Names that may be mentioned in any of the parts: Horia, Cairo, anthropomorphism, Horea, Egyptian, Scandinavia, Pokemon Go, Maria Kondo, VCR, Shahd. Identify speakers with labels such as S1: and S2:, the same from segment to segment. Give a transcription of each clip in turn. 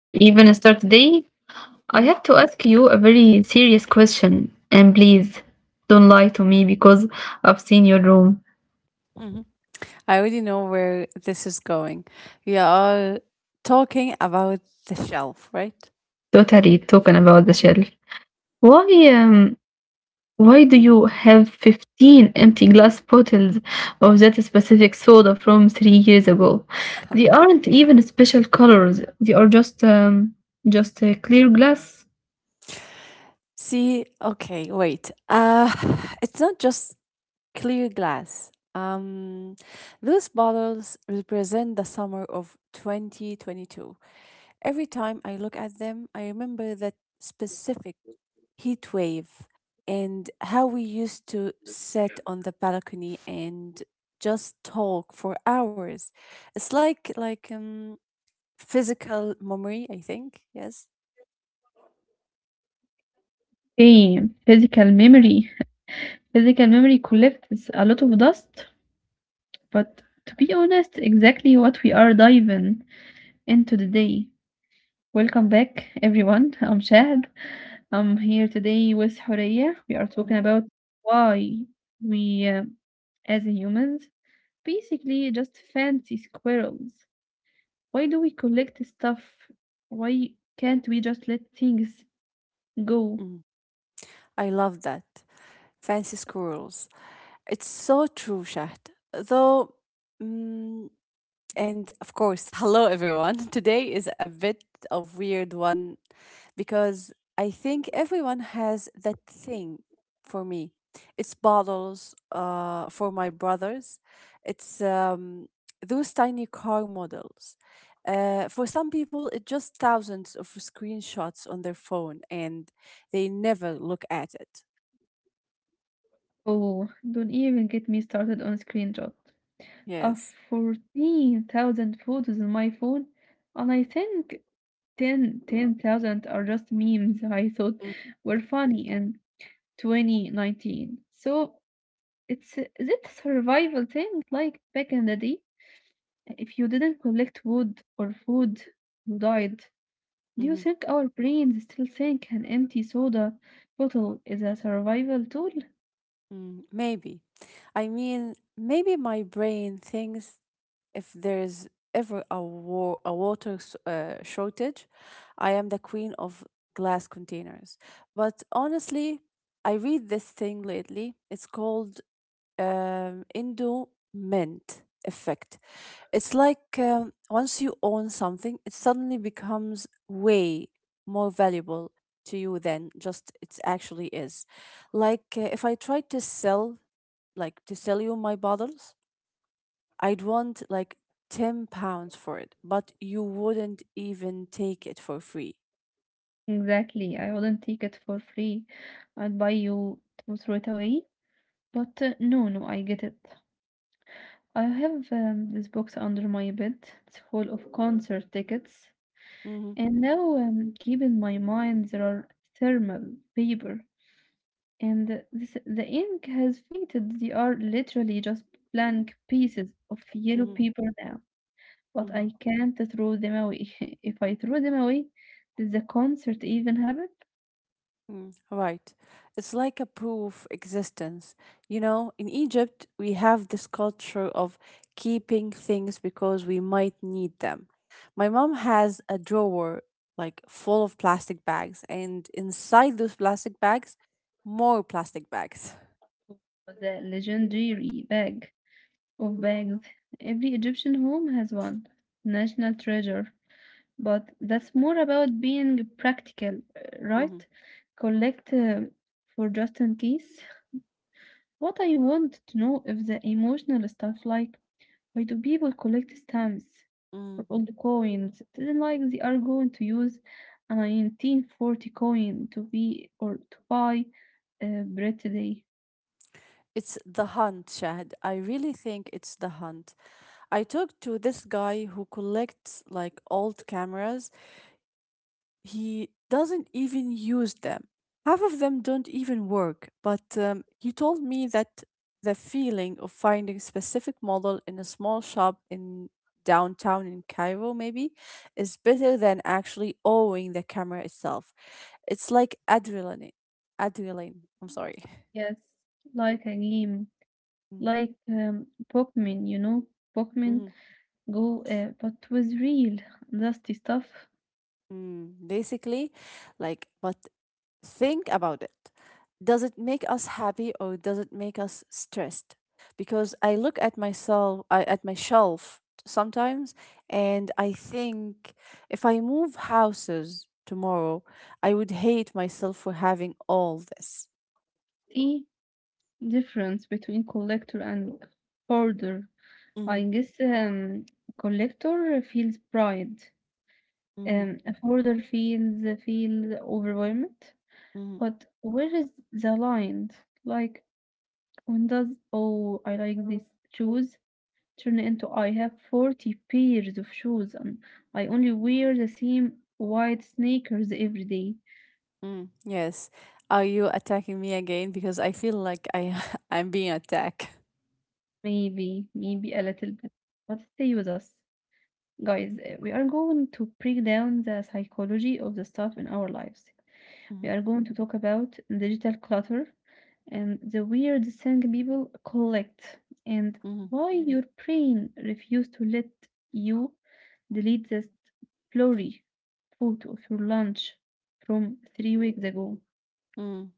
S1: we even start today, I
S2: Hmm.
S1: have to ask you a very serious question. And please don't lie to me because I've seen your room.
S2: Hmm. I already know where this is going. We are talking about the shelf, right?
S1: Totally talking about the shelf. Why um why do you have 15 empty glass bottles of that specific soda from 3 years ago? They aren't even special colors. They are just a clear glass.
S2: See, okay, wait. It's not just clear glass. Those bottles represent the summer of 2022. Every time I look at them, I remember that specific heat wave and how we used to sit on the balcony and just talk for hours. It's like physical memory, I think. Yes.
S1: Okay, physical memory. Physical memory collects a lot of dust, but to be honest, exactly what we are diving into today. Welcome back, everyone. I'm Shahd. I'm here today with Horea. We are
S2: Hmm.
S1: talking about why we as humans, basically just fancy squirrels. Why do we collect stuff? Why can't we just let things go?
S2: Mm. I love that. Fancy squirrels. It's so true, Shahd. Though mm And of course, hello everyone. Today is a bit of weird one because I think everyone has that thing for me. It's bottles for my brothers. It's those tiny car models. For some people, it's just thousands of screenshots on their phone and they never look at it.
S1: Oh, don't even get me started on screenshot of
S2: Yes.
S1: 14,000 photos on my phone, and I think ten thousand are just memes I thought were funny in 2019. So is it a survival thing like back in the day? If you didn't collect wood or food, you died. Do you
S2: Mm-hmm.
S1: think our brains still think an empty soda bottle is a survival tool?
S2: Mm, maybe. I mean, maybe my brain thinks, if there is ever a water shortage, I am the queen of glass containers. But honestly, I read this thing lately. It's called Indo Mint effect. It's like, once you own something, it suddenly becomes way more valuable to you than just it actually is. Like, if I tried to sell, like to sell you my bottles, I'd want like 10 pounds for it, but you wouldn't even take it for free.
S1: Exactly. I wouldn't take it for free. I'd buy you to throw it away. But no, no, I get it. I have this box under my bed. It's full of concert tickets.
S2: Hmm.
S1: And now keep in my mind there are thermal paper. And this, the ink has faded. They are literally just blank pieces of yellow
S2: Hmm.
S1: paper now. But
S2: Hmm.
S1: I can't throw them away. If I throw them away, did the concert even happen?
S2: Mm, right. It's like a proof existence. You know, in Egypt, we have this culture of keeping things because we might need them. My mom has a drawer like full of plastic bags, and inside those plastic bags, more plastic bags.
S1: The legendary bag of bags. Every Egyptian home has one. National treasure. But that's more about being practical,
S2: Hmm.
S1: right? Collect for just in case. What I want to know if the emotional stuff, like why do people collect stamps
S2: Mm.
S1: or old coins? It isn't like they are going to use a 1940 coin to be or to buy bread today.
S2: It's the hunt, Shahd. I really think it's the hunt. I talked to this guy who collects like old cameras. He doesn't even use them. Half of them don't even work, but he told me that the feeling of finding specific model in a small shop in downtown in Cairo maybe is better than actually owning the camera itself. It's like adrenaline. Adrenaline. I'm sorry.
S1: Yes, like a game,
S2: Mm,
S1: like Pokemon, you know, Pokemon
S2: mm,
S1: Go, but with real dusty stuff.
S2: mm. Basically, like, but think about it. Does it make us happy or does it make us stressed? Because I look at myself, at my shelf sometimes, and I think, if I move houses tomorrow, I would hate myself for having all this.
S1: See difference between collector and hoarder.
S2: Hmm.
S1: I guess collector feels pride,
S2: Hmm.
S1: and a hoarder feels overwhelmed.
S2: Hmm.
S1: But where is the line? Like, when does "oh, I like these shoes" turn into "I have 40 pairs of shoes and I only wear the same white sneakers every day"?
S2: Mm, yes. Are you attacking me again? Because I feel like I I'm being attacked.
S1: Maybe a little bit. But stay with us. Guys, we are going to break down the psychology of the stuff in our lives.
S2: Mm-hmm.
S1: We are going to talk about digital clutter and the weird thing people collect and why your brain refuses to let you delete this blurry photo of your lunch from 3 weeks ago.
S2: Mm-hmm.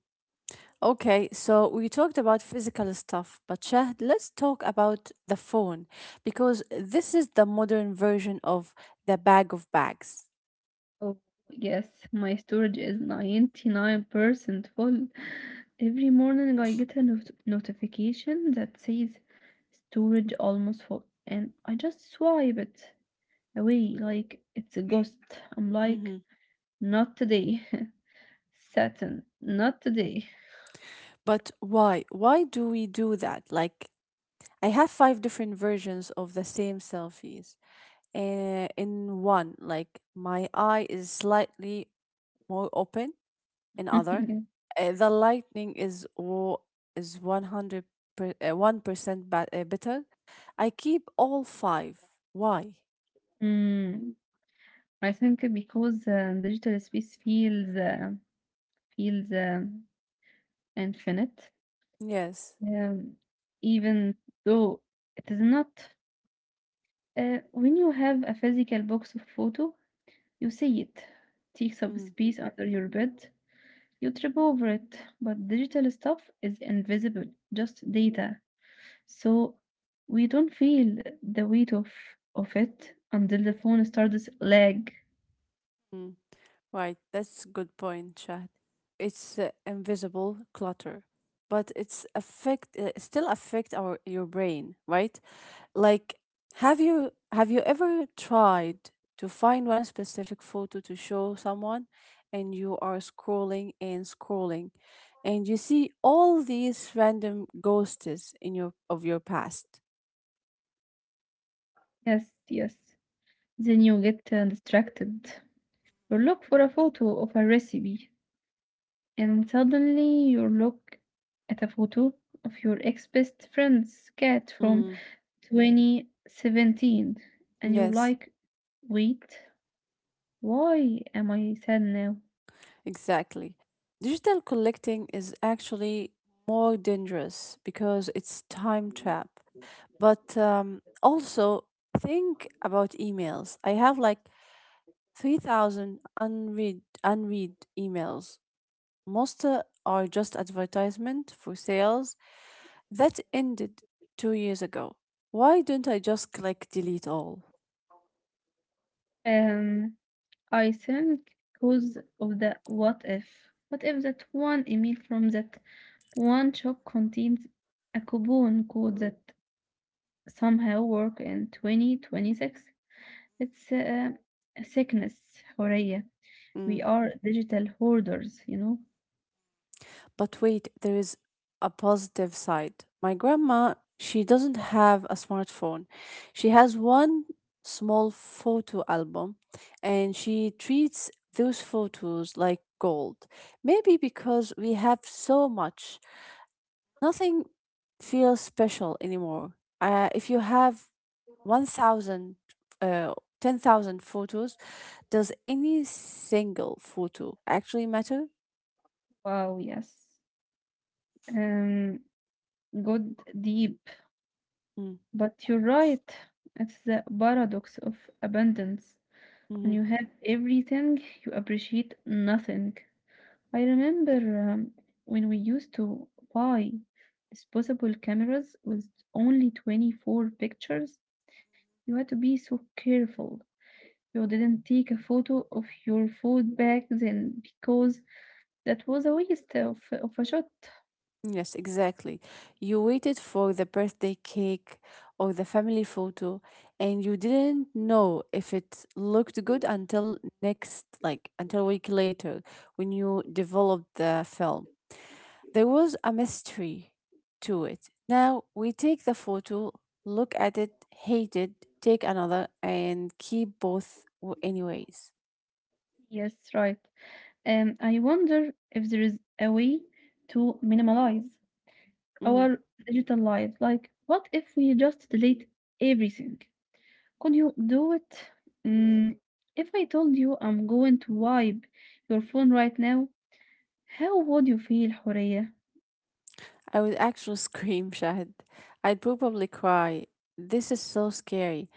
S2: Okay, so we talked about physical stuff, but Shahd, let's talk about the phone because this is the modern version of the bag of bags.
S1: Oh, yes, my storage is 99% full. Every morning I get a notification that says storage almost full, and I just swipe it away like it's a ghost. I'm
S2: Hmm.
S1: like, not today, Saturn, not today.
S2: But why? Why do we do that? Like, I have five different versions of the same selfies. In one, like, my eye is slightly more open, in other.
S1: Yeah.
S2: The lightning is 100 1% better. I keep all five. Why?
S1: Mm, I think because digital space feels infinite,
S2: Yes.
S1: um, even though it is not. When you have a physical box of photo, you see it, takes up
S2: Mm,
S1: space under your bed, you trip over it. But digital stuff is invisible, just data. So we don't feel the weight of it until the phone starts lag.
S2: mm. Right, that's a good point, Shahd. It's invisible clutter, but it's affect still affect our your brain, right? Like, have you ever tried to find one specific photo to show someone and you are scrolling and scrolling and you see all these random ghosts in your of your past?
S1: Yes. Then you get distracted. You look for a photo of a recipe, and suddenly you look at a photo of your ex best friend's cat from
S2: Mm,
S1: 2017 and you're
S2: yes,
S1: like, wait, why am I sad now?
S2: exactly. Digital collecting is actually more dangerous because it's time trap. But also think about emails. I have like 3,000 unread emails. Most are just advertisement for sales that ended 2 years ago. Why don't I just click delete all?
S1: Um i think because of the what if. What if that one email from that one shop contains a coupon code that somehow work in 2026? It's a sickness, Horia.
S2: Mm.
S1: We are digital hoarders, you know?
S2: But wait, there is a positive side. My grandma, she doesn't have a smartphone. She has one small photo album and she treats those photos like gold. Maybe because we have so much. Nothing feels special anymore. If you have 1,000, uh, 10,000 photos, does any single photo actually matter?
S1: Wow, yes. Um, good, deep.
S2: Mm,
S1: But you're right. It's the paradox of abundance. When
S2: mhm.
S1: you have everything, you appreciate nothing. I remember when we used to buy disposable cameras with only 24 pictures, you had to be so careful. You didn't take a photo of your food back then because that was a waste of a shot.
S2: Yes, exactly. You waited for the birthday cake or the family photo, and you didn't know if it looked good until next, like until a week later when you developed the film. There was a mystery to it. Now we take the photo, look at it, hate it, take another, and keep both anyways.
S1: Yes, right. And I wonder if there is a way to minimalize
S2: Mhm.
S1: our digital lives. Like, what if we just delete everything? Could you do it? Mm, if I told you I'm going to wipe your phone right now, how would you feel, Horia?
S2: I would actually scream, Shahid. I'd probably cry. This is so scary.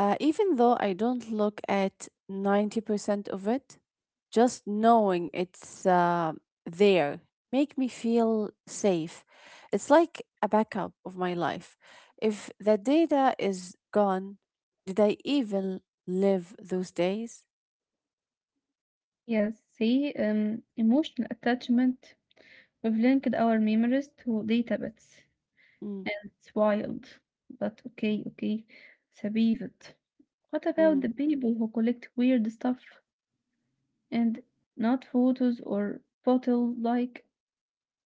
S2: Even though I don't look at 90% of it, just knowing it's there make me feel safe. It's like a backup of my life. If the data is gone, did I even live those days?
S1: Yes, see, emotional attachment. We've linked our memories to data bits.
S2: Mm,
S1: It's wild, but okay, it's a pivot. What about
S2: mm.
S1: the people who collect weird stuff? And not photos or bottle, like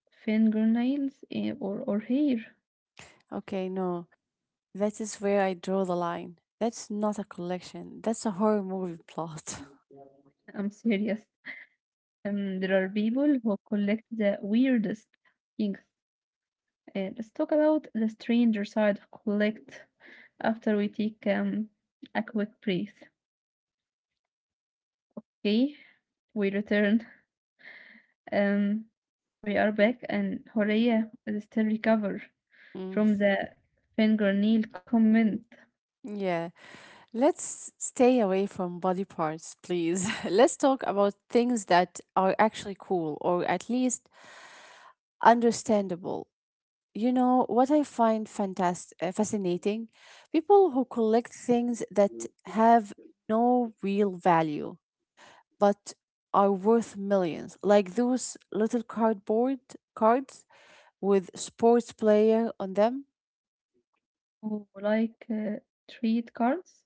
S1: fingernails, or or hair.
S2: Okay, no. That is where I draw the line. That's not a collection. That's a horror movie plot.
S1: I'm serious. There are people who collect the weirdest things. Let's talk about the stranger side of collect after we take a quick breath. Okay, we return. Um, we are back, and Horea is still recover
S2: Mm,
S1: from the fingernail comment.
S2: yeah. Let's stay away from body parts, please. Let's talk about things that are actually cool or at least understandable. You know, what I find fascinating people who collect things that have no real value but are worth millions, like those little cardboard cards with sports player on them.
S1: Who like treat cards.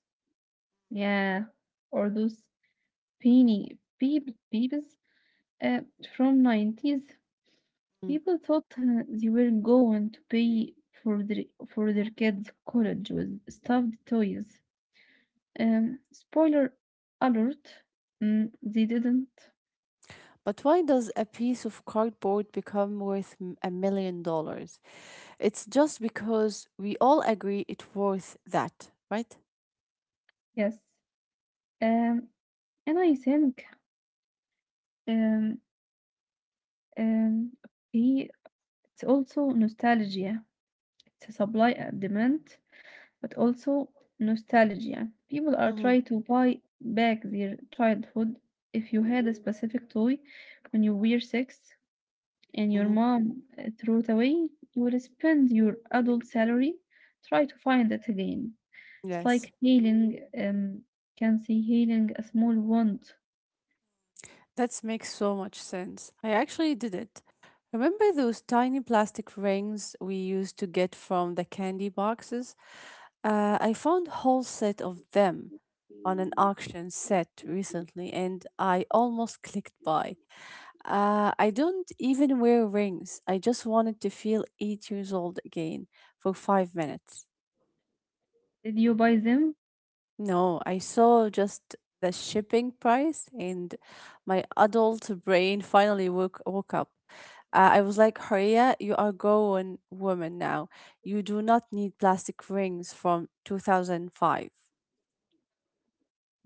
S1: Yeah, or those peony peep peeps uh, from 90s.
S2: Mm.
S1: People thought they were going to pay for their kids' college with stuffed toys. Spoiler alert, they didn't.
S2: But why does a piece of cardboard become worth $1 million? It's just because we all agree it's worth that, right?
S1: Yes. Um, and I think um um okay, it's also nostalgia. It's a supply and demand, but also nostalgia. People are
S2: Mm-hmm.
S1: trying to buy back their childhood. If you had a specific toy when you were six and your
S2: Mm-hmm.
S1: mom threw it away, you will spend your adult salary try to find it again. It's like
S2: Yes,
S1: healing, can see healing a small wound.
S2: that makes so much sense. I actually did it. Remember those tiny plastic rings we used to get from the candy boxes? I found whole set of them on an auction set recently, and I almost clicked buy. I don't even wear rings. I just wanted to feel 8 years old again for 5 minutes.
S1: Did you buy them?
S2: No, I saw just the shipping price, and my adult brain finally woke up. I was like, Horia, you are grown woman now. You do not need plastic rings from 2005.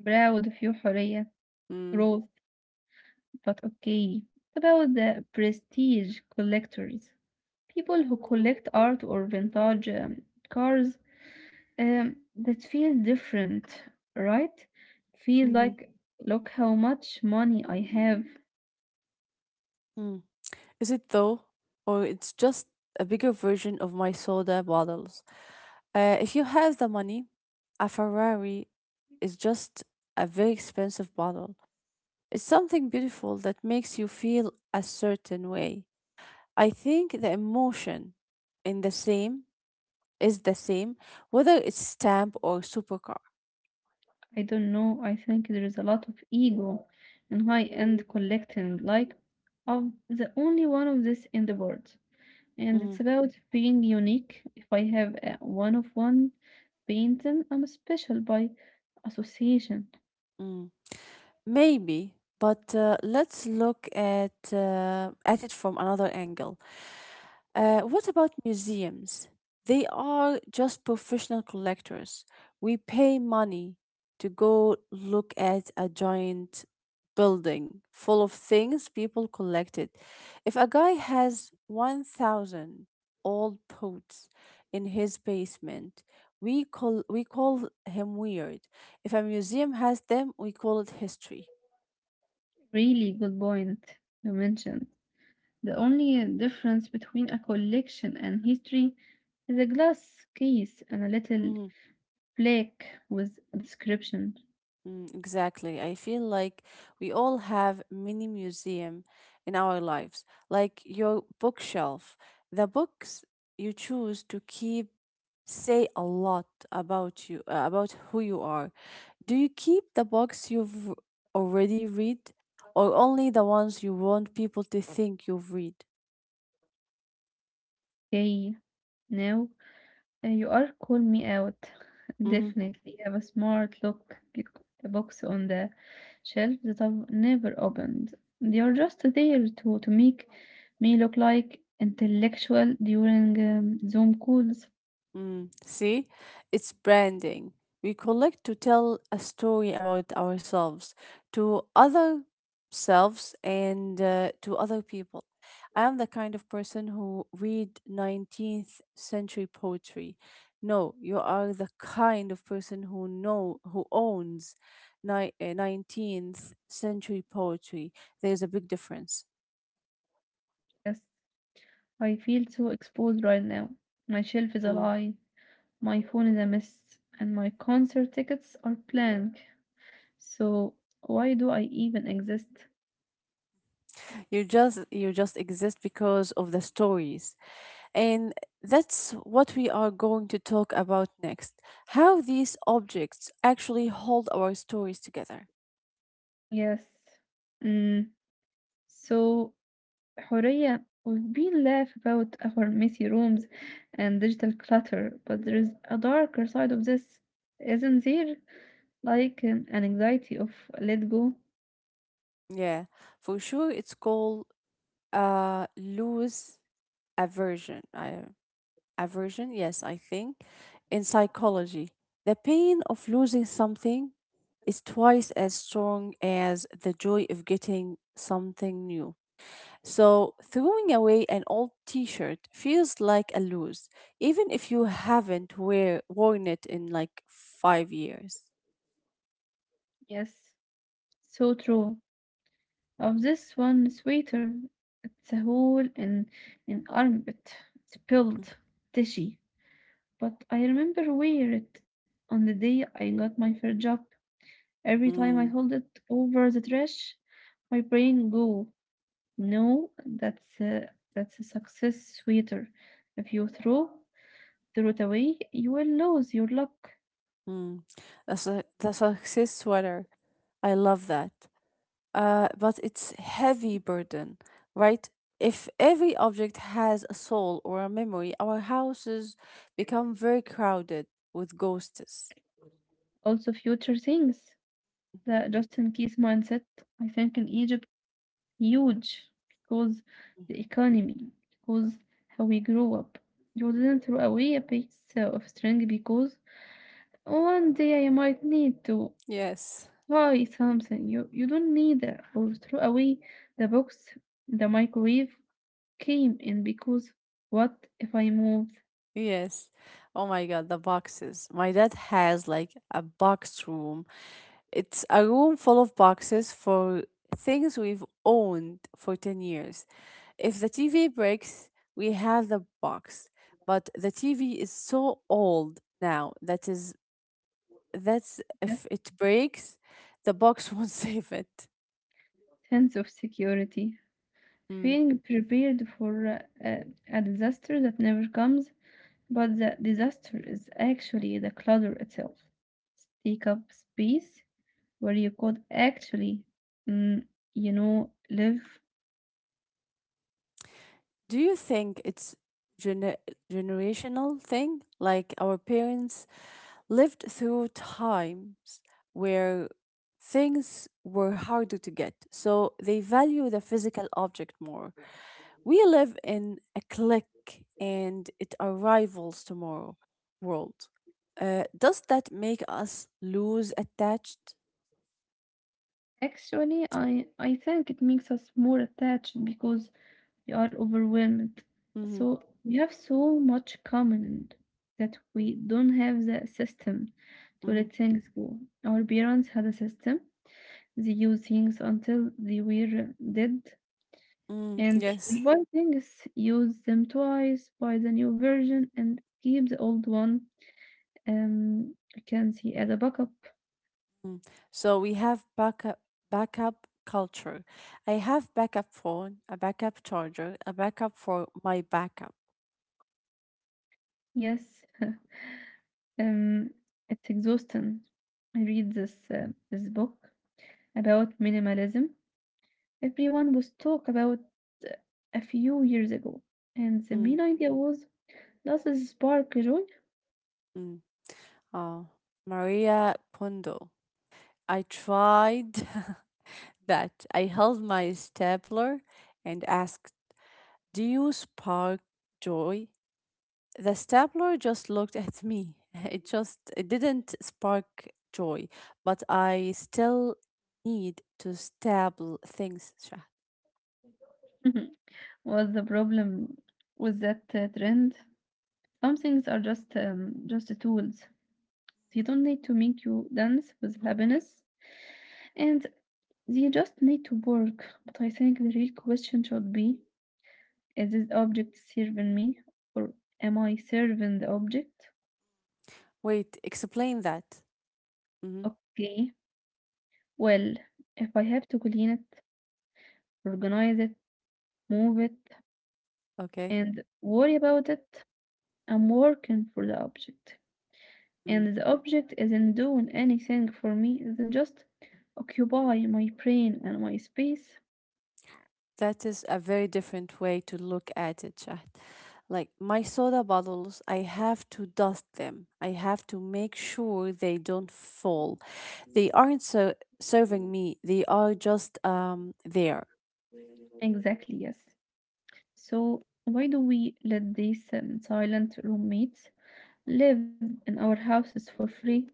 S1: Proud of your حرية,
S2: Mm.
S1: growth, but okay. It's about the prestige collectors. People who collect art or vintage cars, that feel different, right? Feel
S2: Mm-hmm.
S1: like, look how much money I have.
S2: Mm. Is it though? Or it's just a bigger version of my soda bottles. If you have the money, a Ferrari is just a very expensive bottle. It's something beautiful that makes you feel a certain way. I think the emotion in the same is the same, whether it's stamp or supercar.
S1: I don't know. I think there is a lot of ego in high-end collecting. Like, I'm the only one of this in the world. And
S2: Mm,
S1: it's about being unique. If I have a one of one painting, I'm special by association.
S2: mm. Maybe, but let's look at it from another angle. What about museums? They are just professional collectors. We pay money to go look at a giant building full of things people collected. If a guy has 1,000 old boots in his basement, we call him weird. If a museum has them, we call it history.
S1: Really good point you mentioned. The only difference between a collection and history is a glass case and a little plaque with a description.
S2: Mm, exactly. I feel like we all have mini museum in our lives, like your bookshelf. The books you choose to keep say a lot about you, about who you are. Do you keep the books you've already read, or only the ones you want people to think you've read?
S1: Okay, now you are call me out.
S2: Mm-hmm.
S1: Definitely have a smart look. You put the box on the shelf that I've never opened. They are just there to make me look like intellectual during Zoom calls.
S2: Mm, see, it's branding. We collect to tell a story about ourselves to other selves and to other people. I am the kind of person who read 19th century poetry. No, you are the kind of person who know who owns 19th century poetry. There's a big difference.
S1: Yes, I feel so exposed right now. My shelf is
S2: Mm.
S1: alive. My phone is a mess, and my concert tickets are blank. So, why do I even exist?
S2: You just exist because of the stories. And that's what we are going to talk about next, how these objects actually hold our stories together.
S1: Yes. Mm. So, Huria, we've been laugh about our messy rooms and digital clutter, but there is a darker side of this, isn't there? Like an anxiety of let go.
S2: Yeah, for sure, it's called loose aversion. Aversion, yes, I think. In psychology, the pain of losing something is twice as strong as the joy of getting something new. So, throwing away an old t shirt feels like a lose, even if you haven't worn it in like 5 years.
S1: Yes, so true. Of this one sweater, it's a hole in an armpit. It's spilled tishy. But I remember wear it on the day I got my first job. Every time I
S2: Mm,
S1: hold it over the trash, my brain go. No, that's a success sweeter. If you throw it away, you will lose your luck.
S2: mm. That's the success sweater. I love that. But it's heavy burden, right? If every object has a soul or a memory, our houses become very crowded with ghosts.
S1: Also, future things. The just in case mindset, I think in Egypt, huge because
S2: Mm.
S1: the economy, because how we grew up. You didn't throw away a piece of string because one day I might need to
S2: Yes.
S1: buy something. You don't need that or throw away the box, the microwave, came in because what if I moved?
S2: Yes. Oh my God, the boxes. My dad has like a box room. It's a room full of boxes for things we've owned for 10 years. If the TV breaks, we have the box. But the TV is so old now that's
S1: Yes,
S2: if it breaks, the box won't save it.
S1: sense of security,
S2: Mm.
S1: feeling prepared for a, a disaster that never comes, but the disaster is actually the clutter itself. Take up space where you could actually, mm, you know, live.
S2: Do you think it's gener- generational thing? Like our parents lived through times where things were harder to get, so they value the physical object more. We live in a click and it arrivals tomorrow world. Does that make us lose attached?
S1: Actually, I think it makes us more attached because we are overwhelmed.
S2: Mm-hmm.
S1: So we have so much common that we don't have the system to let things go. Our parents had a system. They used things until they were dead,
S2: Mm,
S1: and
S2: yes.
S1: we buy things, use them twice, buy the new version, and keep the old one. I can see as a backup.
S2: Mm. So we have backup culture. I have backup phone, a backup charger, a backup for my backup.
S1: Yes, Um, it's exhausting. I read this book about minimalism. Everyone was talk about uh, a few years ago, and the
S2: Mm,
S1: main idea was, does this spark joy?
S2: mm. Oh, Maria Kondo. I tried. that I held my stapler and asked, Do you spark joy? The stapler just looked at me. It just it didn't spark joy, but I still need to staple things, Shahd.
S1: What's the problem with that trend? Some things are just tools. They don't need to make you dance with happiness, and they just need to work. But I think the real question should be, is this object serving me or am I serving the object?
S2: Wait, explain that. Hmm.
S1: Okay. Well, if I have to clean it, organize it, move it,
S2: Okay.
S1: and worry about it, I'm working for the object.
S2: Mm.
S1: And the object isn't doing anything for me, isn't just occupy my brain and my space.
S2: That is a very different way to look at it, Shahd. Like my soda bottles, I have to dust them. I have to make sure they don't fall. They aren't so serving me. They are just there
S1: Exactly, yes. So, why do we let these silent roommates live in our houses for free?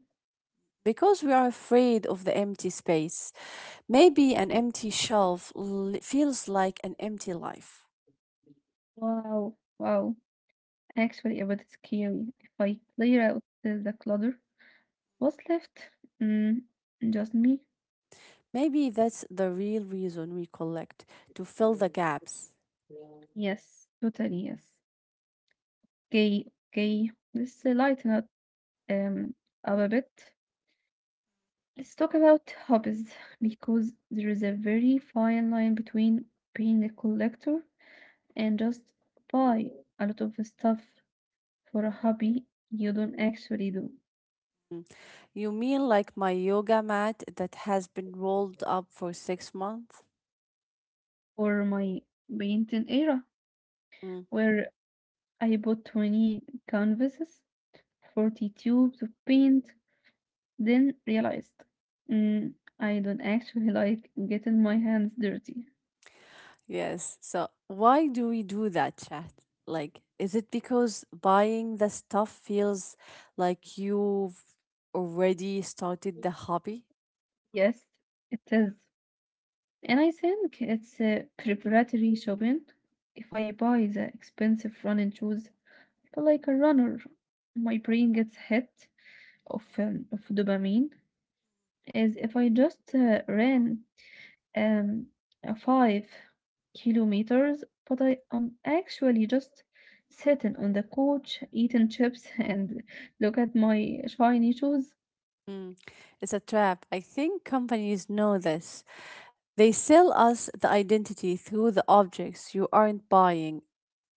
S2: because we are afraid of the empty space. Maybe an empty shelf feels like an empty life.
S1: Wow, wow. Actually, about it's scary. If I clear out the clutter, what's left? Mm, just me?
S2: Maybe that's the real reason we collect to fill the gaps.
S1: Yes, totally yes. Okay, okay. Let's lighten um, up a bit. Let's talk about hobbies because there is a very fine line between being a collector and just buy a lot of stuff for a hobby you don't actually do.
S2: Mm. You mean like my yoga mat that has been rolled up for 6 months?
S1: Or my painting era,
S2: Mm,
S1: where I bought 20 canvases 40 tubes of paint, then realized, mm, I don't actually like getting my hands dirty.
S2: yes. So why do we do that, chat? Like, is it because buying the stuff feels like you've already started the hobby?
S1: Yes, it is. And I think it's preparatory shopping. If I buy the expensive running shoes, I feel like a runner. My brain gets hit of dopamine as if I just ran um, 5 kilometers, but I am actually just sitting on the couch eating chips and look at my shiny shoes.
S2: Mm, it's a trap. I think companies know this. They sell us the identity through the objects. You aren't buying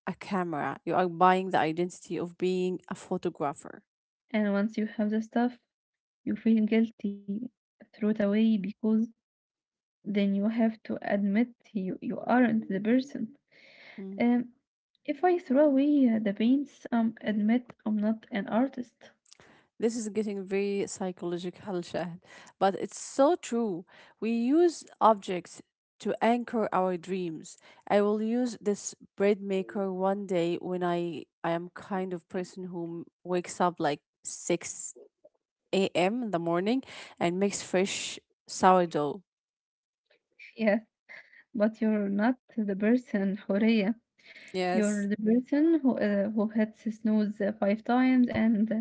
S2: a camera, you are buying the identity of being a photographer.
S1: And once you have the stuff, you feel guilty, throw it away because then you have to admit you aren't the person.
S2: Mm.
S1: Um, if I throw away the paints, admit I'm not an artist.
S2: This is getting very psychological, Shahd, but it's so true. We use objects to anchor our dreams. I will use this bread maker one day when I am kind of person who wakes up like 6 a.m. in the morning and makes fresh sourdough.
S1: Yes, but you're not the person, Horea.
S2: Yes.
S1: You're the person who hits snooze five times and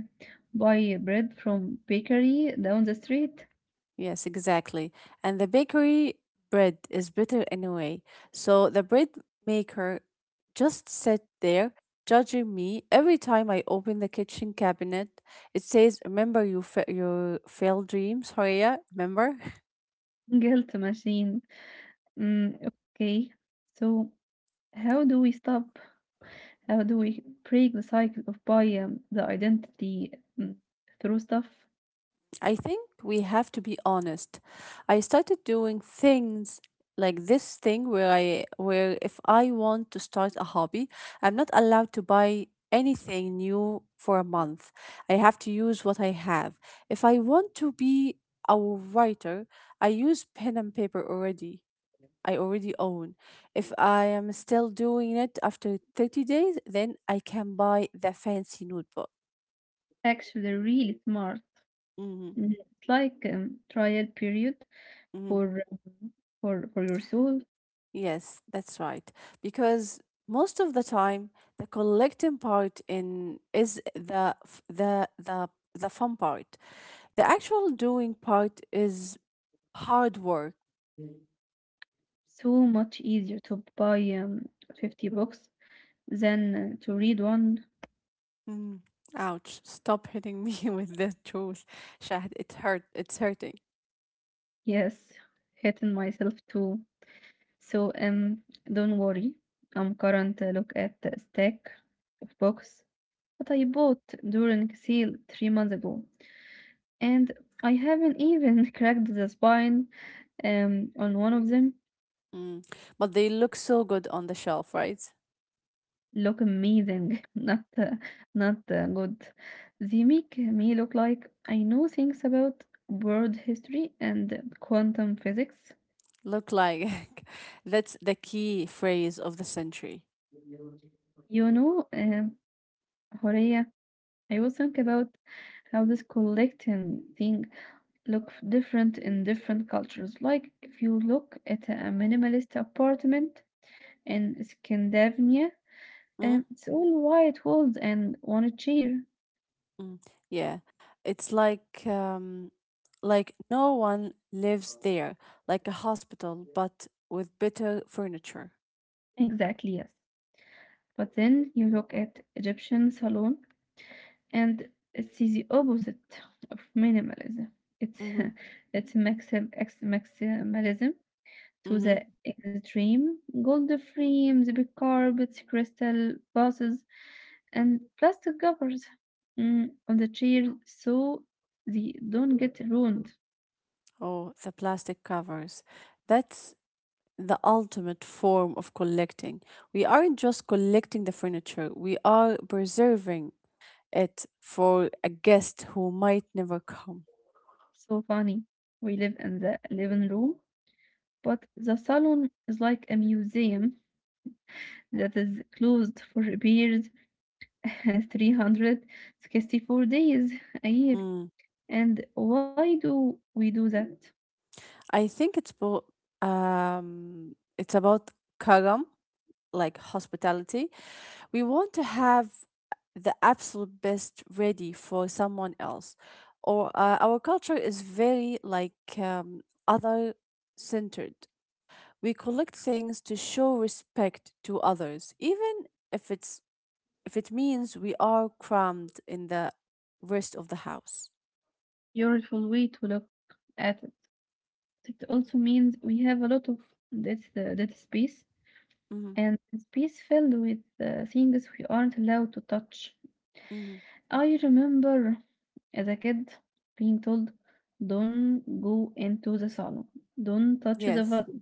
S1: buy bread from bakery down the street.
S2: Yes, exactly. And the bakery bread is bitter anyway. So the bread maker just sat there judging me every time I open the kitchen cabinet. It says, "Remember your failed dreams, Horia? Remember?"
S1: Guilt machine. Mm, okay. So how do we stop? How do we break the cycle of buy the identity mm, through stuff?
S2: I think we have to be honest. I started doing things like this thing where if I want to start a hobby, I'm not allowed to buy anything new for a month. I have to use what I have. If I want to be a writer, I use pen and paper already. I already own. If I am still doing it after 30 days, then I can buy the fancy notebook.
S1: Actually, really smart.
S2: Hmm
S1: It's like trial period
S2: hmm
S1: for um, for your soul.
S2: Yes, that's right. Because most of the time, the collecting part in is the f- the fun part. The actual doing part is hard work.
S1: So much easier to buy 50 books than to read one.
S2: Mm. Ouch! Stop hitting me with the truth, Shahd. It hurt. It's hurting.
S1: Yes, hitting myself too. So don't worry. I'm current look at the stack of books that I bought during sale 3 months ago, and I haven't even cracked the spine on one of them.
S2: Mm. But they look so good on the shelf, right?
S1: Look amazing, not good. They make me look like I know things about world history and quantum physics.
S2: Look like, that's the key phrase of the century.
S1: You know, uh, Horea, I was think about how this collecting thing look different in different cultures. Like if you look at a minimalist apartment in Scandinavia,
S2: Mm?
S1: it's all white walls and one chair.
S2: Mm, yeah, it's like no one lives there, like a hospital, but with better furniture.
S1: Exactly, yes. But then you look at Egyptian salon and it's the opposite of minimalism. It's
S2: Mm-hmm.
S1: it's maximalism to the
S2: Mm-hmm.
S1: extreme. Gold frames, big carpets, crystal vases, and plastic covers on the chair so they don't get ruined.
S2: Oh, the plastic covers. That's the ultimate form of collecting. We aren't just collecting the furniture; we are preserving it for a guest who might never come.
S1: So funny. We live in the living room, but the salon is like a museum that is closed for repairs 364 days a year.
S2: Mm.
S1: And why do we do that?
S2: I think it's about um, it's about karam. Like hospitality. We want to have the absolute best ready for someone else. Or our culture is very like other centered. We collect things to show respect to others, even if it's if it means we are crammed in the rest of the house.
S1: Beautiful way to look at it. It also means we have a lot of this that space
S2: Mm-hmm.
S1: and space filled with things we aren't allowed to touch.
S2: Mm-hmm.
S1: I remember as a kid being told, don't go into the salon, don't touch the
S2: Yes.
S1: vases.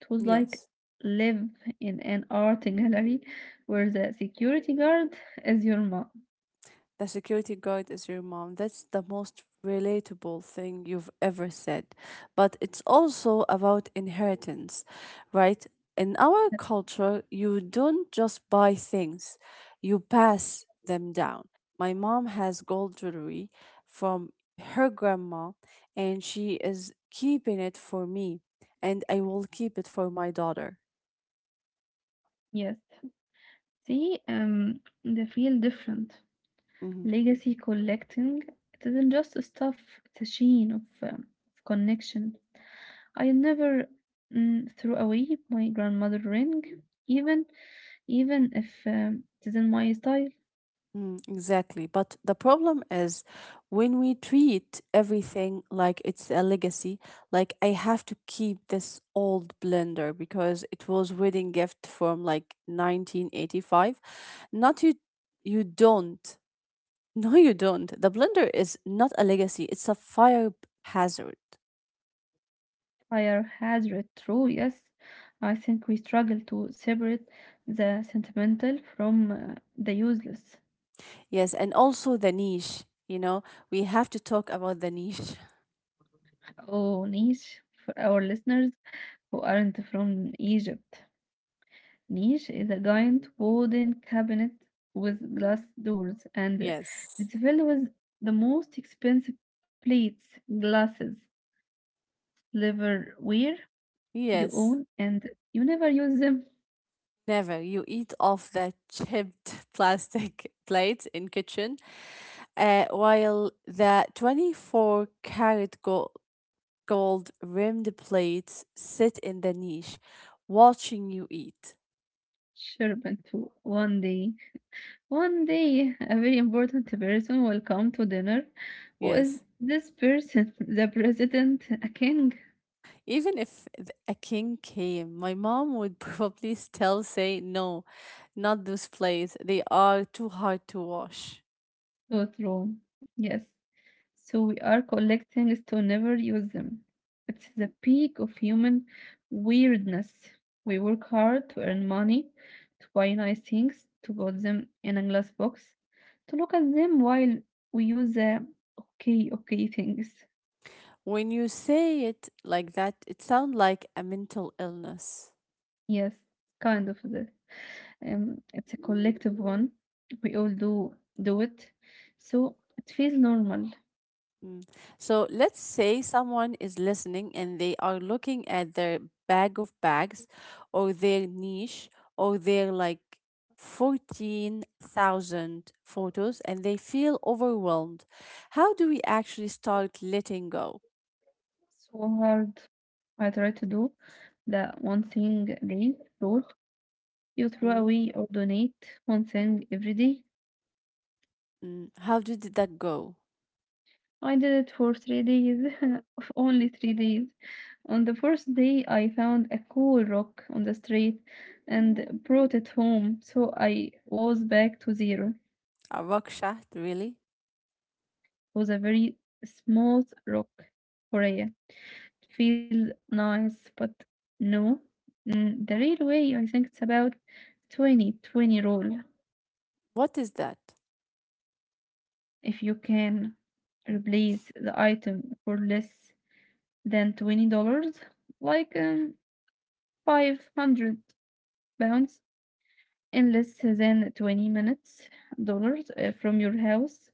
S1: It was like
S2: Yes.
S1: live in an art gallery where the security guard is your mom.
S2: The security guard is your mom. That's the most relatable thing you've ever said. But it's also about inheritance, right? In our culture, you don't just buy things, you pass them down. My mom has gold jewelry from her grandma, and she is keeping it for me, and I will keep it for my daughter.
S1: Yes. See, they feel different.
S2: Mhm.
S1: Legacy collecting, it isn't just stuff, it's a chain of connection. I never threw away my grandmother ring, even even if it isn't my style.
S2: Mm, exactly. But the problem is when we treat everything like it's a legacy, like I have to keep this old blender because it was wedding gift from like 1985. Not you you don't. No, you don't. The blender is not a legacy. It's a fire hazard.
S1: Fire has read true, yes. I think we struggle to separate the sentimental from the useless.
S2: Yes, and also the niche, you know, we have to talk about the niche.
S1: Oh, niche for our listeners who aren't from Egypt. Niche is a giant wooden cabinet with glass doors, and
S2: Yes.
S1: it's filled with the most expensive plates, glasses, silverware you own,
S2: Yes.
S1: and you never use them.
S2: Never. You eat off the chipped plastic plates in kitchen, while the 24 carat gold rimmed plates sit in the niche, watching you eat.
S1: Sure, too. One day, a very important person will come to dinner. Who is
S2: Yes.
S1: this person? The president, a king?
S2: Even if a king came, my mom would probably still say, no, not those plates. They are too hard to wash.
S1: Thought Rome. Yes, so we are collecting things to never use them. It's the peak of human weirdness. We work hard to earn money, to buy nice things, to put them in a glass box, to look at them while we use the okay, okay things.
S2: When you say it like that, it sounds like a mental illness.
S1: Yes, kind of that. It's a collective one. We all do it. So it feels normal.
S2: Mm. So let's say someone is listening and they are looking at their bag of bags or their niche or their like 14,000 photos and they feel overwhelmed. How do we actually start letting go?
S1: So hard. I try to do the one thing a day rule. You throw
S2: Mm.
S1: away or donate one thing every day.
S2: Mm. How did that go?
S1: I did it for 3 days, only 3 days. On the first day, I found a cool rock on the street and brought it home, so I was back to zero. It
S2: A rock shaft, really?
S1: was a very smooth rock, Korea. It feels nice, but no. The real way, I think it's about twenty twenty 20 rule.
S2: What is that?
S1: If you can replace the item for less than $20, like 500 pounds, in less than 20 minutes dollars from your house.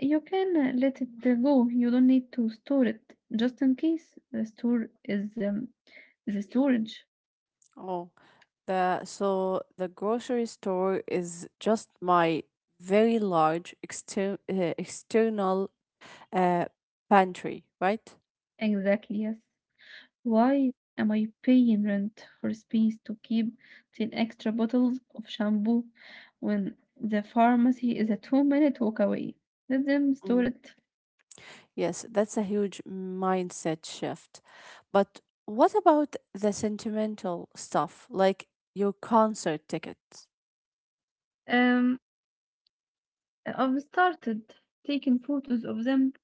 S1: You can let it go. You don't need to store it just in case. The store is the storage.
S2: Oh, the so the grocery store is just my very large external uh, pantry, right?
S1: Exactly, yes. Why am I paying rent for space to keep 10 extra bottles of shampoo when the pharmacy is a 2-minute walk away? Let them store
S2: Mm.
S1: it.
S2: Yes, that's a huge mindset shift. But what about the sentimental stuff, like your concert tickets?
S1: Um, I've started taking photos of them.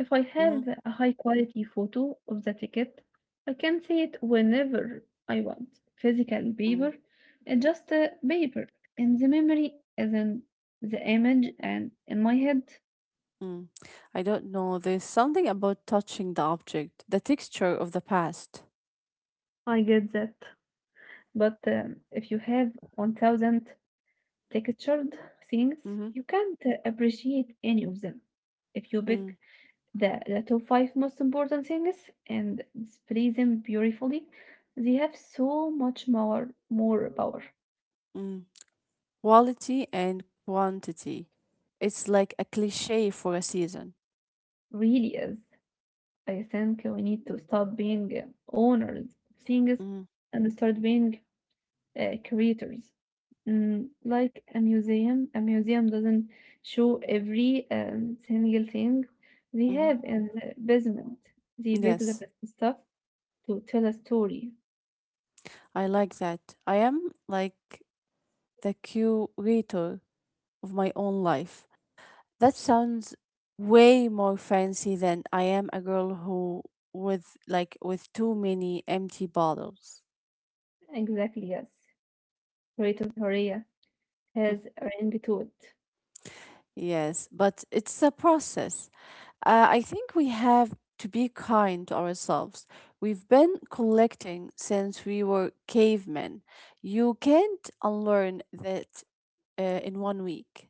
S1: If I
S2: Mm,
S1: have a high quality photo of the ticket, I can see it whenever I want. Physical
S2: mm.
S1: paper is just a paper, and the memory is in the image and in my head.
S2: Mm. I don't know. There's something about touching the object, the texture of the past.
S1: I get that. But if you have 1,000 textured things,
S2: Mm-hmm.
S1: you can't appreciate any of them. If you
S2: Mm,
S1: pick the top five most important things and display them beautifully. They have so much more power.
S2: mm. Quality and quantity. It's like a cliche for a season.
S1: Really is. I think we need to stop being owners of things
S2: Mm-hmm.
S1: and start being creators. Like a museum doesn't show every single thing they have in the basement. They pick the
S2: Yes,
S1: best stuff to tell a story.
S2: I like that. I am like the curator of my own life. That sounds way more fancy than I am a girl who with too many empty bottles.
S1: Exactly, yes. Rate of Horea has a ring to it.
S2: Yes, but it's a process. I think we have to be kind to ourselves. We've been collecting since we were cavemen. You can't unlearn that in 1 week.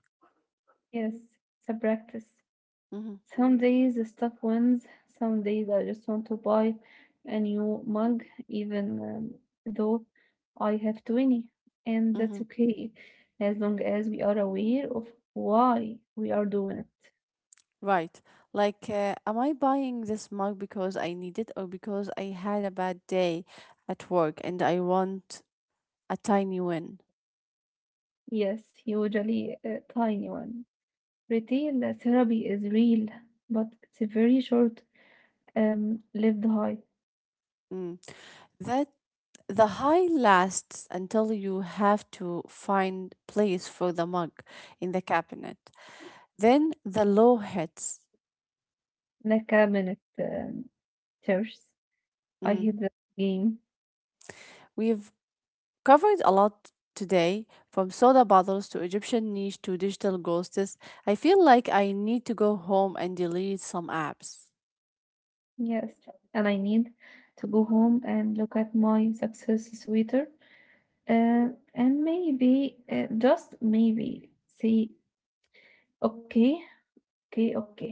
S1: Yes, it's a practice.
S2: Hmm
S1: Some days the stuff wins, some days I just want to buy a new mug, even though I have 20, and
S2: hmm
S1: that's okay as long as we are aware of why we are doing it.
S2: Right. Like, am I buying this mug because I need it or because I had a bad day at work and I want a tiny win?
S1: Yes, usually a tiny one. Retail therapy is real, but it's a very short lived high,
S2: Mm. That the high lasts until you have to find place for the mug in the cabinet. Then the low hits.
S1: like a minute thirst. I
S2: Mm.
S1: hate that game.
S2: We've covered a lot today, from soda bottles to Egyptian niche to digital ghosts. I feel like I need to go home and delete some apps.
S1: Yes, and I need to go home and look at my success sweater, uh, and maybe, just maybe, say, okay, okay, okay.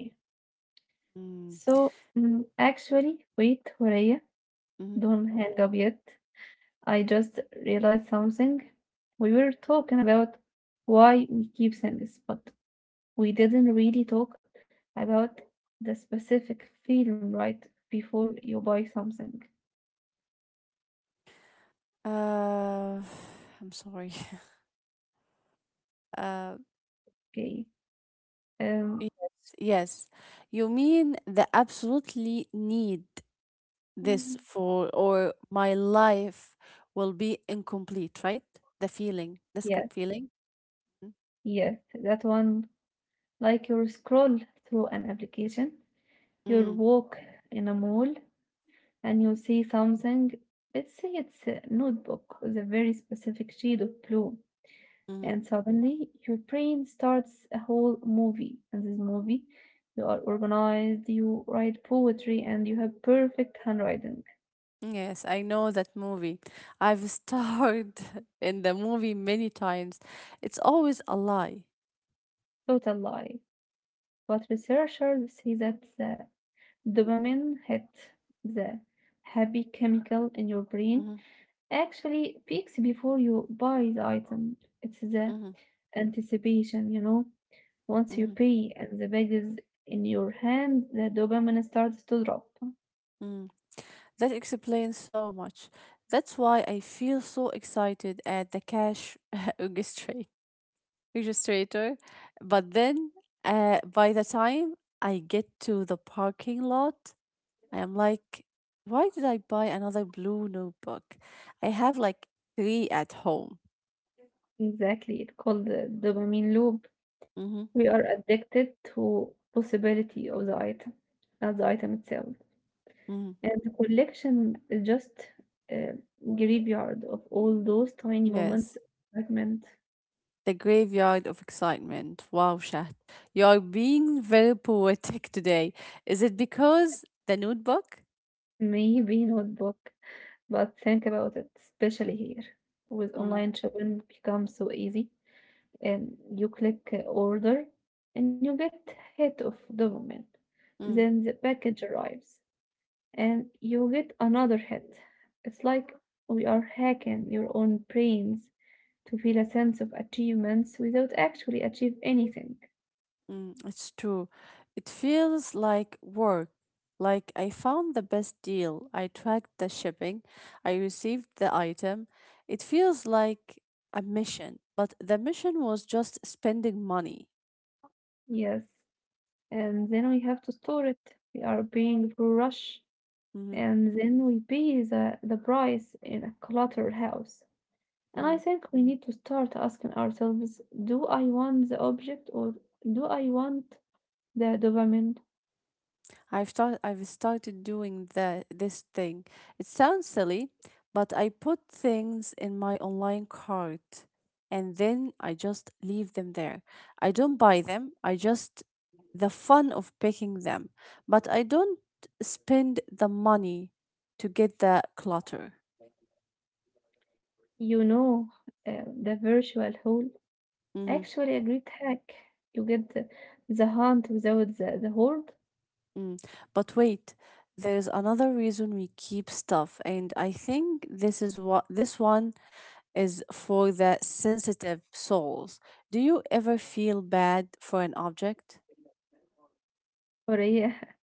S2: Mm.
S1: So, actually, wait, Horea,
S2: Mhm.
S1: don't hang up yet. I just realized something. We were talking about why we keep things, but we didn't really talk about the specific feeling right before you buy something.
S2: Uh, I'm sorry. Uh,
S1: Okay. Um,
S2: yes, yes. You mean the absolutely need this for, or my life will be incomplete, right? The feeling, this
S1: Yes,
S2: feeling. Mhm.
S1: yes, that one, like you scroll through an application, you
S2: Mm,
S1: walk in a mall and you see something. Let's say it's a notebook with a very specific shade of blue,
S2: mm.
S1: and suddenly your brain starts a whole movie. And this movie, you are organized, you write poetry, and you have perfect handwriting.
S2: Yes, I know that movie. I've starred in the movie many times. It's always a lie.
S1: Total lie. But researchers say that the dopamine hit, the happy chemical in your brain,
S2: Hmm
S1: actually, peaks before you buy the item. It's the
S2: hmm
S1: anticipation, you know. Once you
S2: hmm
S1: pay and the bag is in your hand, the dopamine starts to drop.
S2: Mm. That explains so much. That's why I feel so excited at the cash orchestrate- orchestrator. But then, by the time I get to the parking lot, I am like, why did I buy another blue notebook? I have like three at home.
S1: Exactly, it's called the dopamine loop.
S2: Mm-hmm.
S1: We are addicted to possibility of the item, not the item itself.
S2: hmm
S1: And the collection is just a graveyard of all those tiny
S2: Yes.
S1: moments of excitement.
S2: The graveyard of excitement. Wow, Shat. You are being very poetic today. Is it because the notebook?
S1: Maybe notebook. But think about it, especially here, with
S2: Hmm.
S1: online shopping becomes so easy. And you click order and you get hit of the moment.
S2: Mm,
S1: Then the package arrives and you get another hit. It's like we are hacking your own brains to feel a sense of achievements without actually achieve anything.
S2: mm, it's true. It feels like work. Like I found the best deal. I tracked the shipping. I received the item. It feels like a mission, but the mission was just spending money.
S1: Yes. And then we have to store it. We are paying for rush
S2: Mm-hmm.
S1: and then we pay the price in a cluttered house. And
S2: Mm.
S1: I think we need to start asking ourselves, do I want the object or do I want the dopamine?
S2: I've started doing the this thing. It sounds silly, but I put things in my online cart and then I just leave them there. I don't buy them. I just the fun of picking them, but I don't spend the money to get the clutter.
S1: You know, the virtual hole.
S2: Hmm
S1: Actually, a great hack. You get the hunt without the horde.
S2: Mm. But wait, there's another reason we keep stuff, and I think this is what this one is for the sensitive souls. Do you ever feel bad for an object?
S1: Or yeah,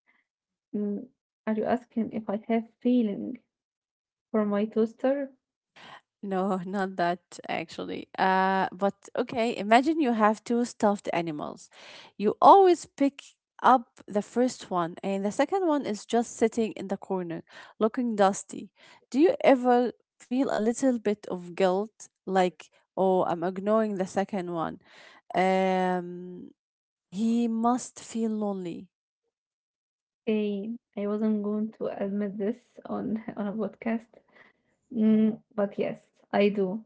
S1: mm, are you asking if I have feeling for my toaster?
S2: No, not that actually. But okay, imagine you have two stuffed animals. You always pick up the first one, and the second one is just sitting in the corner, looking dusty. Do you ever feel a little bit of guilt, like, oh, I'm ignoring the second one? Um, he must feel lonely.
S1: I wasn't going to admit this on on a podcast. But yes, I do.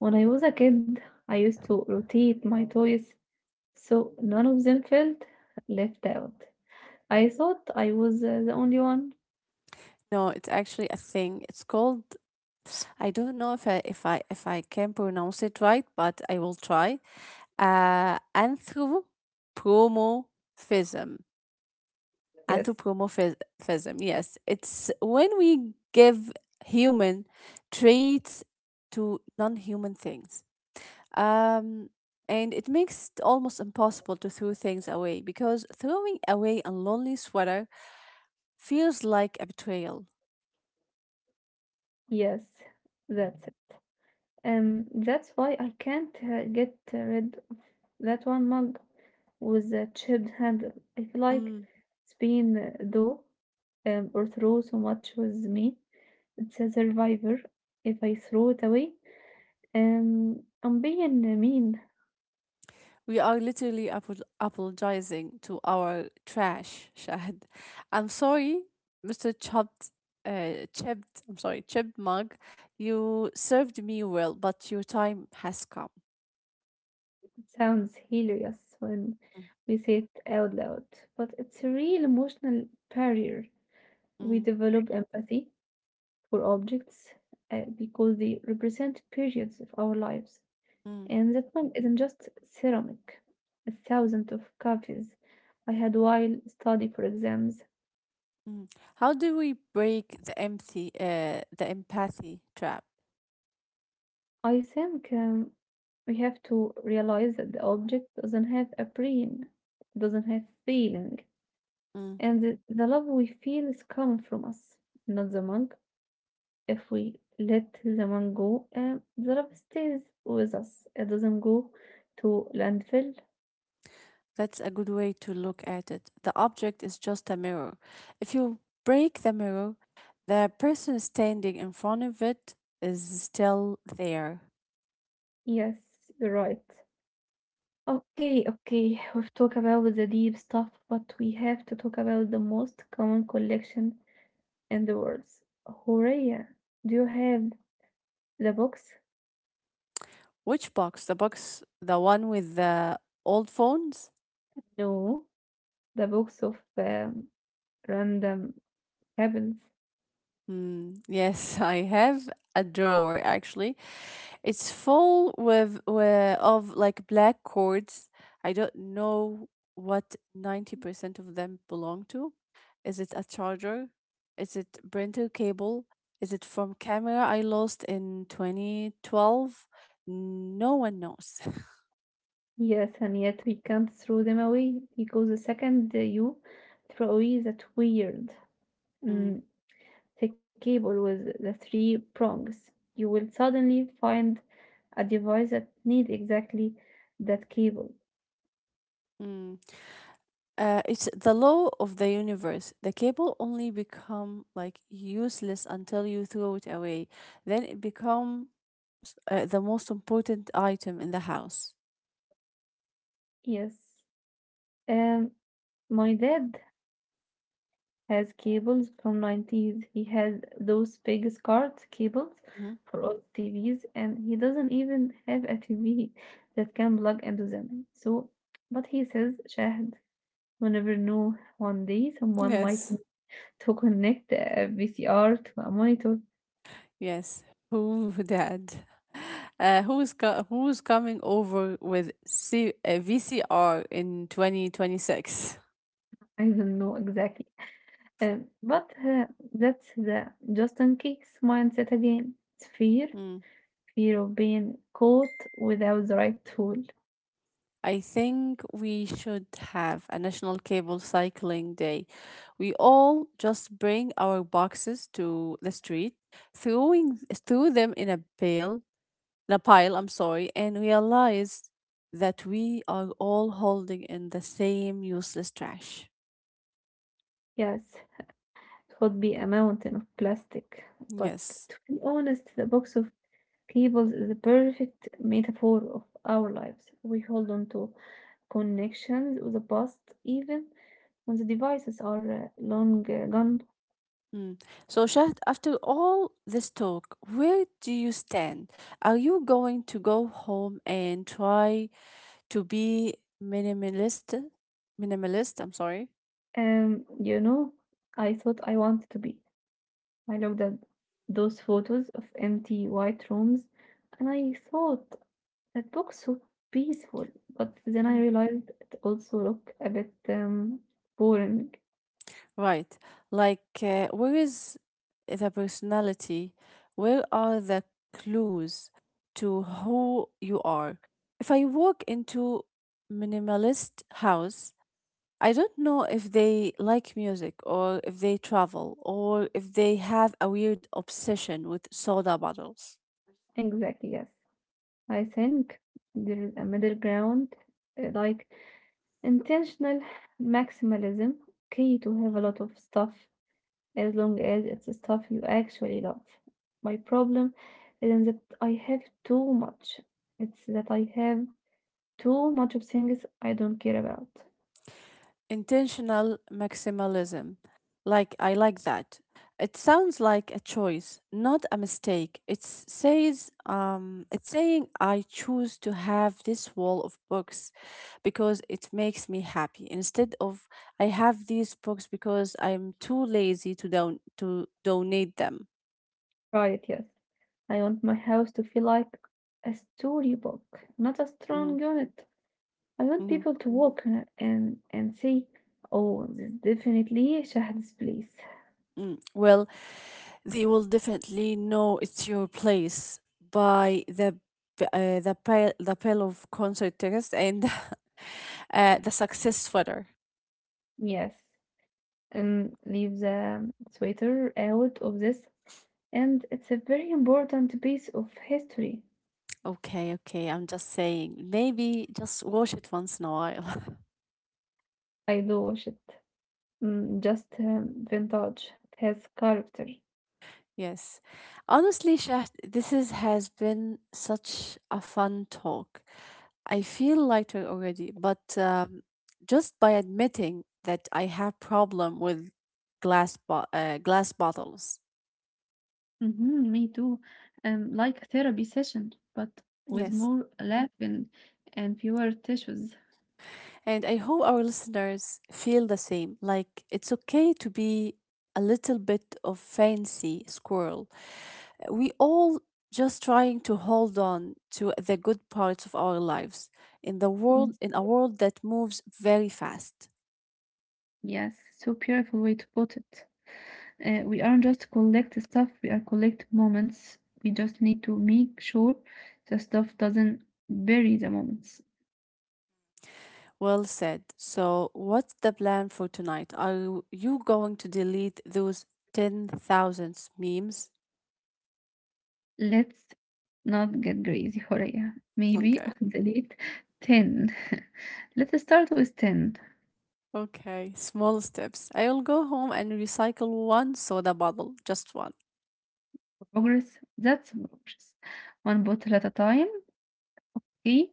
S1: When I was a kid, I used to rotate my toys so none of them felt left out. I thought I was the only one.
S2: No, it's actually a thing. It's called, I don't know if I can pronounce it right, but I will try. Anthropomorphism.
S1: Yes,
S2: Anthropomorphism. Yes, it's when we give human traits to non-human things. Um and it makes it almost impossible to throw things away because throwing away a lonely sweater feels like a betrayal.
S1: yes, that's it. That's why I can't get rid of that one mug with a chipped handle. I feel like
S2: Mm,
S1: it's been though or throw so much with me. It's a survivor. If I throw it away, I'm being mean.
S2: we are literally apologizing to our trash, Shahid. I'm sorry, Mr. Chopped, Chipped, I'm sorry, Chipped Mug. You served me well, but your time has come.
S1: It sounds hilarious when
S2: Mm,
S1: we say it out loud, but it's a real emotional barrier. We
S2: mm,
S1: develop empathy for objects because they represent periods of our lives.
S2: mm,
S1: And that one isn't just ceramic. A thousand of coffees I had while study for exams.
S2: mm. How do we break the empathy trap?
S1: I think we have to realize that the object doesn't have a brain, doesn't have feeling.
S2: Mm,
S1: And the love we feel is coming from us, not the monk. If we let the monk go, the love stays with us. It doesn't go to landfill.
S2: that's a good way to look at it. The object is just a mirror. If you break the mirror, the person standing in front of it is still there.
S1: Yes, you're right. Okay, okay. We've talked about the deep stuff, but we have to talk about the most common collection in the world. Horea, do you have the box?
S2: Which box? The box, the one with the old phones?
S1: No, the box of random cabins.
S2: Mm, yes, I have a drawer actually. It's full with of like black cords. I don't know what 90% of them belong to. Is it a charger? Is it printer cable? Is it from camera I lost in 2012? No one knows.
S1: Yes, and yet we can't throw them away because the second you throw away that weird,
S2: Mm,
S1: mm, thick cable with the three prongs, you will suddenly find a device that needs exactly that cable.
S2: mm. It's the law of the universe. The cable only become like useless until you throw it away. Then it becomes the most important item in the house.
S1: Yes. Um, my dad has cables from 90's. He has those big smart cables
S2: Mhm.
S1: for all TVs, and he doesn't even have a TV that can plug into them. So, but he says, Shahd, we never know. One day someone might
S2: Yes.
S1: need to connect a VCR to a monitor.
S2: Yes. Who, Dad? Who's who's coming over with VCR in 2026?
S1: I don't know exactly. But That's the just in case mindset again. It's fear of being caught without the right tool.
S2: I think we should have a national cable cycling day. We all just bring our boxes to the street, throwing throw them in a pile, I'm sorry, and realize that we are all holding in the same useless trash.
S1: Yes, could be a mountain of plastic, but
S2: Yes.
S1: to be honest, the box of cables is the perfect metaphor of our lives. We hold on to connections with the past, even when the devices are long gone.
S2: Mm. So, Shahd, after all this talk, where do you stand? Are you going to go home and try to be minimalist minimalist, I'm sorry.
S1: You know, I thought I wanted to be. I looked at those photos of empty white rooms, and I thought that looks so peaceful. But then I
S2: Mhm.
S1: realized it also looked a bit boring.
S2: Right, like, where is the personality, where are the clues to who you are? If I walk into minimalist house, I don't know if they like music or if they travel or if they have a weird obsession with soda bottles.
S1: Exactly, yes. I think there is a middle ground, like intentional maximalism, key to have a lot of stuff as long as it's the stuff you actually love. My problem isn't that I have too much, it's that I have too much of things I don't care about.
S2: Intentional maximalism. Like, I like that. It sounds like a choice, not a mistake. It says, it's saying I choose to have this wall of books because it makes me happy instead of I have these books because I'm too lazy to donate them.
S1: Right, yes. I want my house to feel like a storybook, not a
S2: Mhm,
S1: strong unit. I want
S2: mhm.
S1: people to walk in it and say, "Oh, this is definitely Shahad's place."
S2: Mm, well, they will definitely know it's your place by the the pile of concert tickets and the success footer.
S1: Yes, Leave the sweater out of this, and it's a very important piece of history.
S2: Okay, okay. I'm just saying, maybe just watch it once in a while.
S1: I do wish it just vintage. It has character.
S2: Yes, honestly, Shah, this is has been such a fun talk. I feel lighter already, but just by admitting that I have problem with glass bottles.
S1: Mm-hmm, me too. Like therapy session, but with
S2: Yes.
S1: more laughing and fewer tissues.
S2: And I hope our listeners feel the same. Like it's okay to be a little bit of fancy squirrel. We all just trying to hold on to the good parts of our lives
S1: Yes.
S2: in a world that moves very fast.
S1: Yes, so beautiful way to put it. We aren't just collect stuff, we are collect moments. We just need to make sure the stuff doesn't bury the moments.
S2: Well said. So what's the plan for tonight? Are you going to delete those ten thousands memes?
S1: Let's not get crazy, Horea. Maybe
S2: Okay.
S1: on the late 10. Let's start with 10.
S2: Okay, small steps. I will go home and recycle one soda bottle, just one.
S1: Progress, that's progress. One bottle at a time, okay?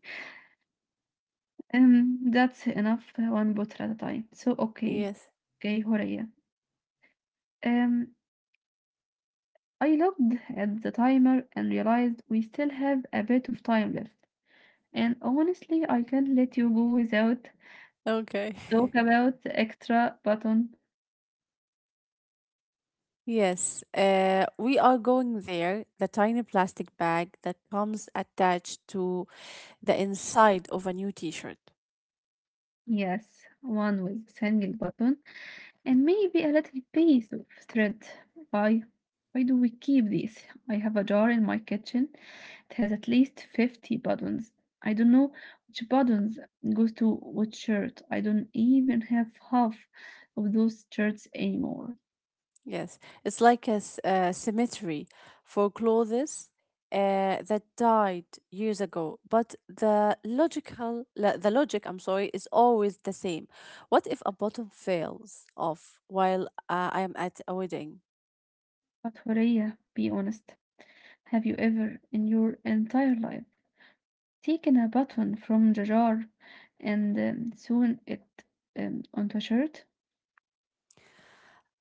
S1: That's enough, one bottle at a time. So, okay.
S2: Yes.
S1: Okay, Horea. Um, I looked at the timer and realized we still have a bit of time left. And honestly, I can't let you go without
S2: Okay.
S1: talk about the extra button.
S2: Yes, we are going there. The tiny plastic bag that comes attached to the inside of a new t shirt.
S1: Yes, one with single button. And maybe a little piece of thread. Why? Why do we keep these? I have a jar in my kitchen. It has at least 50 buttons. I don't know which buttons goes to which shirt. I don't even have half of those shirts anymore.
S2: Yes, it's like a cemetery for clothes that died years ago. But the logic, I'm sorry, is always the same. What if a bottom fails off while I am at a wedding?
S1: But Horea, be honest. Have you ever in your entire life taken a button from the jar and sewn it onto a shirt?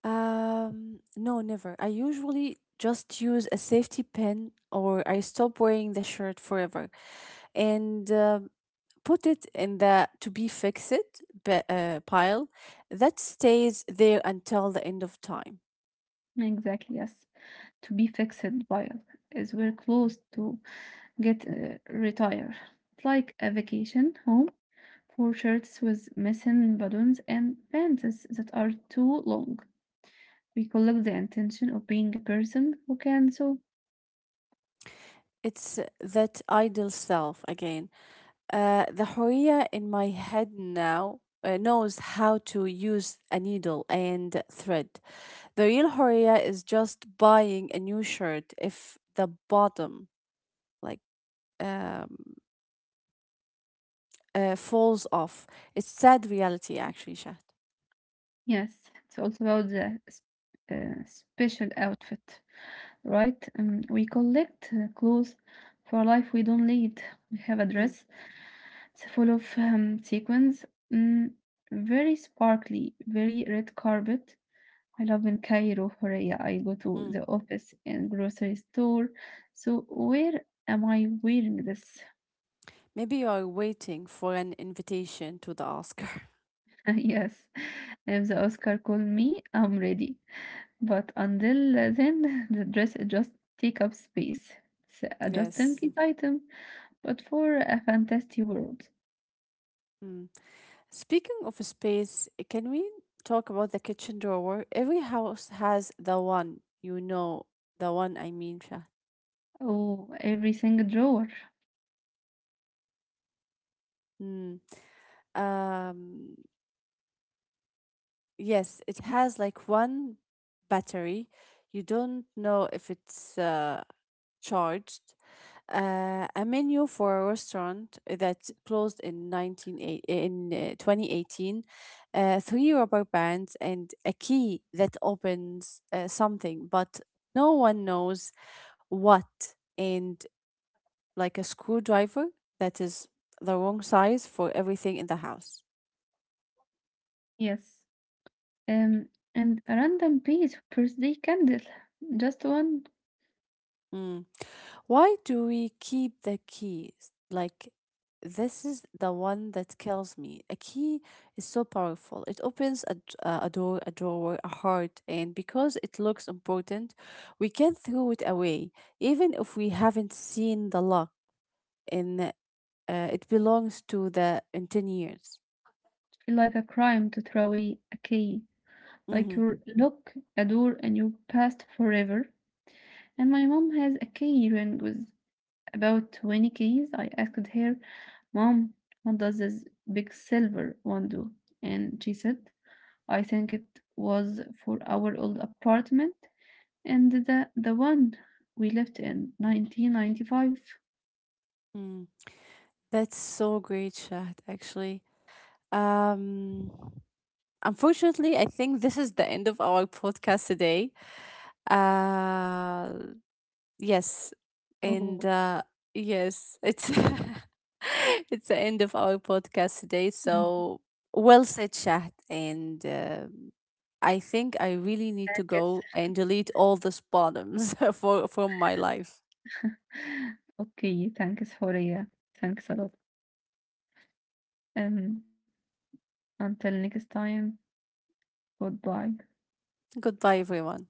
S2: No, never. I usually just use a safety pin, or I stop wearing the shirt forever. And put it in the to be pile that stays there until the end of time.
S1: Exactly, yes. To be fixed by as we're close to get retire like a vacation home for shirts with missing buttons and pants that are too long. We collect the intention of being a person who can sew.
S2: It's that idle self again. The Horia in my head now knows how to use a needle and thread. The real Horia is just buying a new shirt if the bottom, like, um, falls off. It's sad reality, actually, Shahd.
S1: Yes, it's also about the special outfit, right? We collect clothes for life we don't lead. We have a
S2: Mm,
S1: dress, it's full of sequins, mm, very sparkly, very red carpet. I love in Cairo, Horea. I go to the
S2: mm.
S1: office and grocery store. So where am I wearing this?
S2: Maybe you are waiting for an invitation to the Oscar.
S1: Yes. If the Oscar call me, I'm ready. But until then, the dress just take up space. It's a just in
S2: Yes.
S1: case item, but for a fantastic world.
S2: Mm. Speaking of space, can we talk about the kitchen drawer? Every house has the one, you know, the one I mean, Shah.
S1: Oh, everything drawer.
S2: Um, yes, it
S1: Yes.
S2: has like one battery. You don't know if it's charged. A menu for a restaurant that closed in nineteen eight in 2018, three rubber bands, and a key that opens something, but no one knows what, and like a screwdriver that is the wrong size for everything in the house.
S1: Yes. Um, and a random piece of birthday candle. Just one.
S2: Mm. Why do we keep the keys? Like, this is the one that kills me. A key is so powerful. It opens a door, a drawer, a heart, and because it looks important, we can throw it away, even if we haven't seen the lock and it belongs to the in 10 years.
S1: Feel like a crime to throw away a key. Like
S2: Mm-hmm.
S1: you lock a door and you passed forever. And my mom has a key ring with about 20 keys. I asked her, Mom, what does this big silver one do? And she said, I think it was for our old apartment and the one we left in 1995.
S2: Mm. That's so great, Shahd, actually. Um, Unfortunately, I think this is the end of our podcast today. Uh, yes, and
S1: Oh,
S2: yes, it's it's the end of our podcast today.
S1: mm,
S2: So well said, Shahd, and I think I really need to
S1: thanks.
S2: go and delete all the bottoms for from my life.
S1: Okay, thanks, Horia. Thanks a lot. Um, until next time, goodbye.
S2: Goodbye, everyone.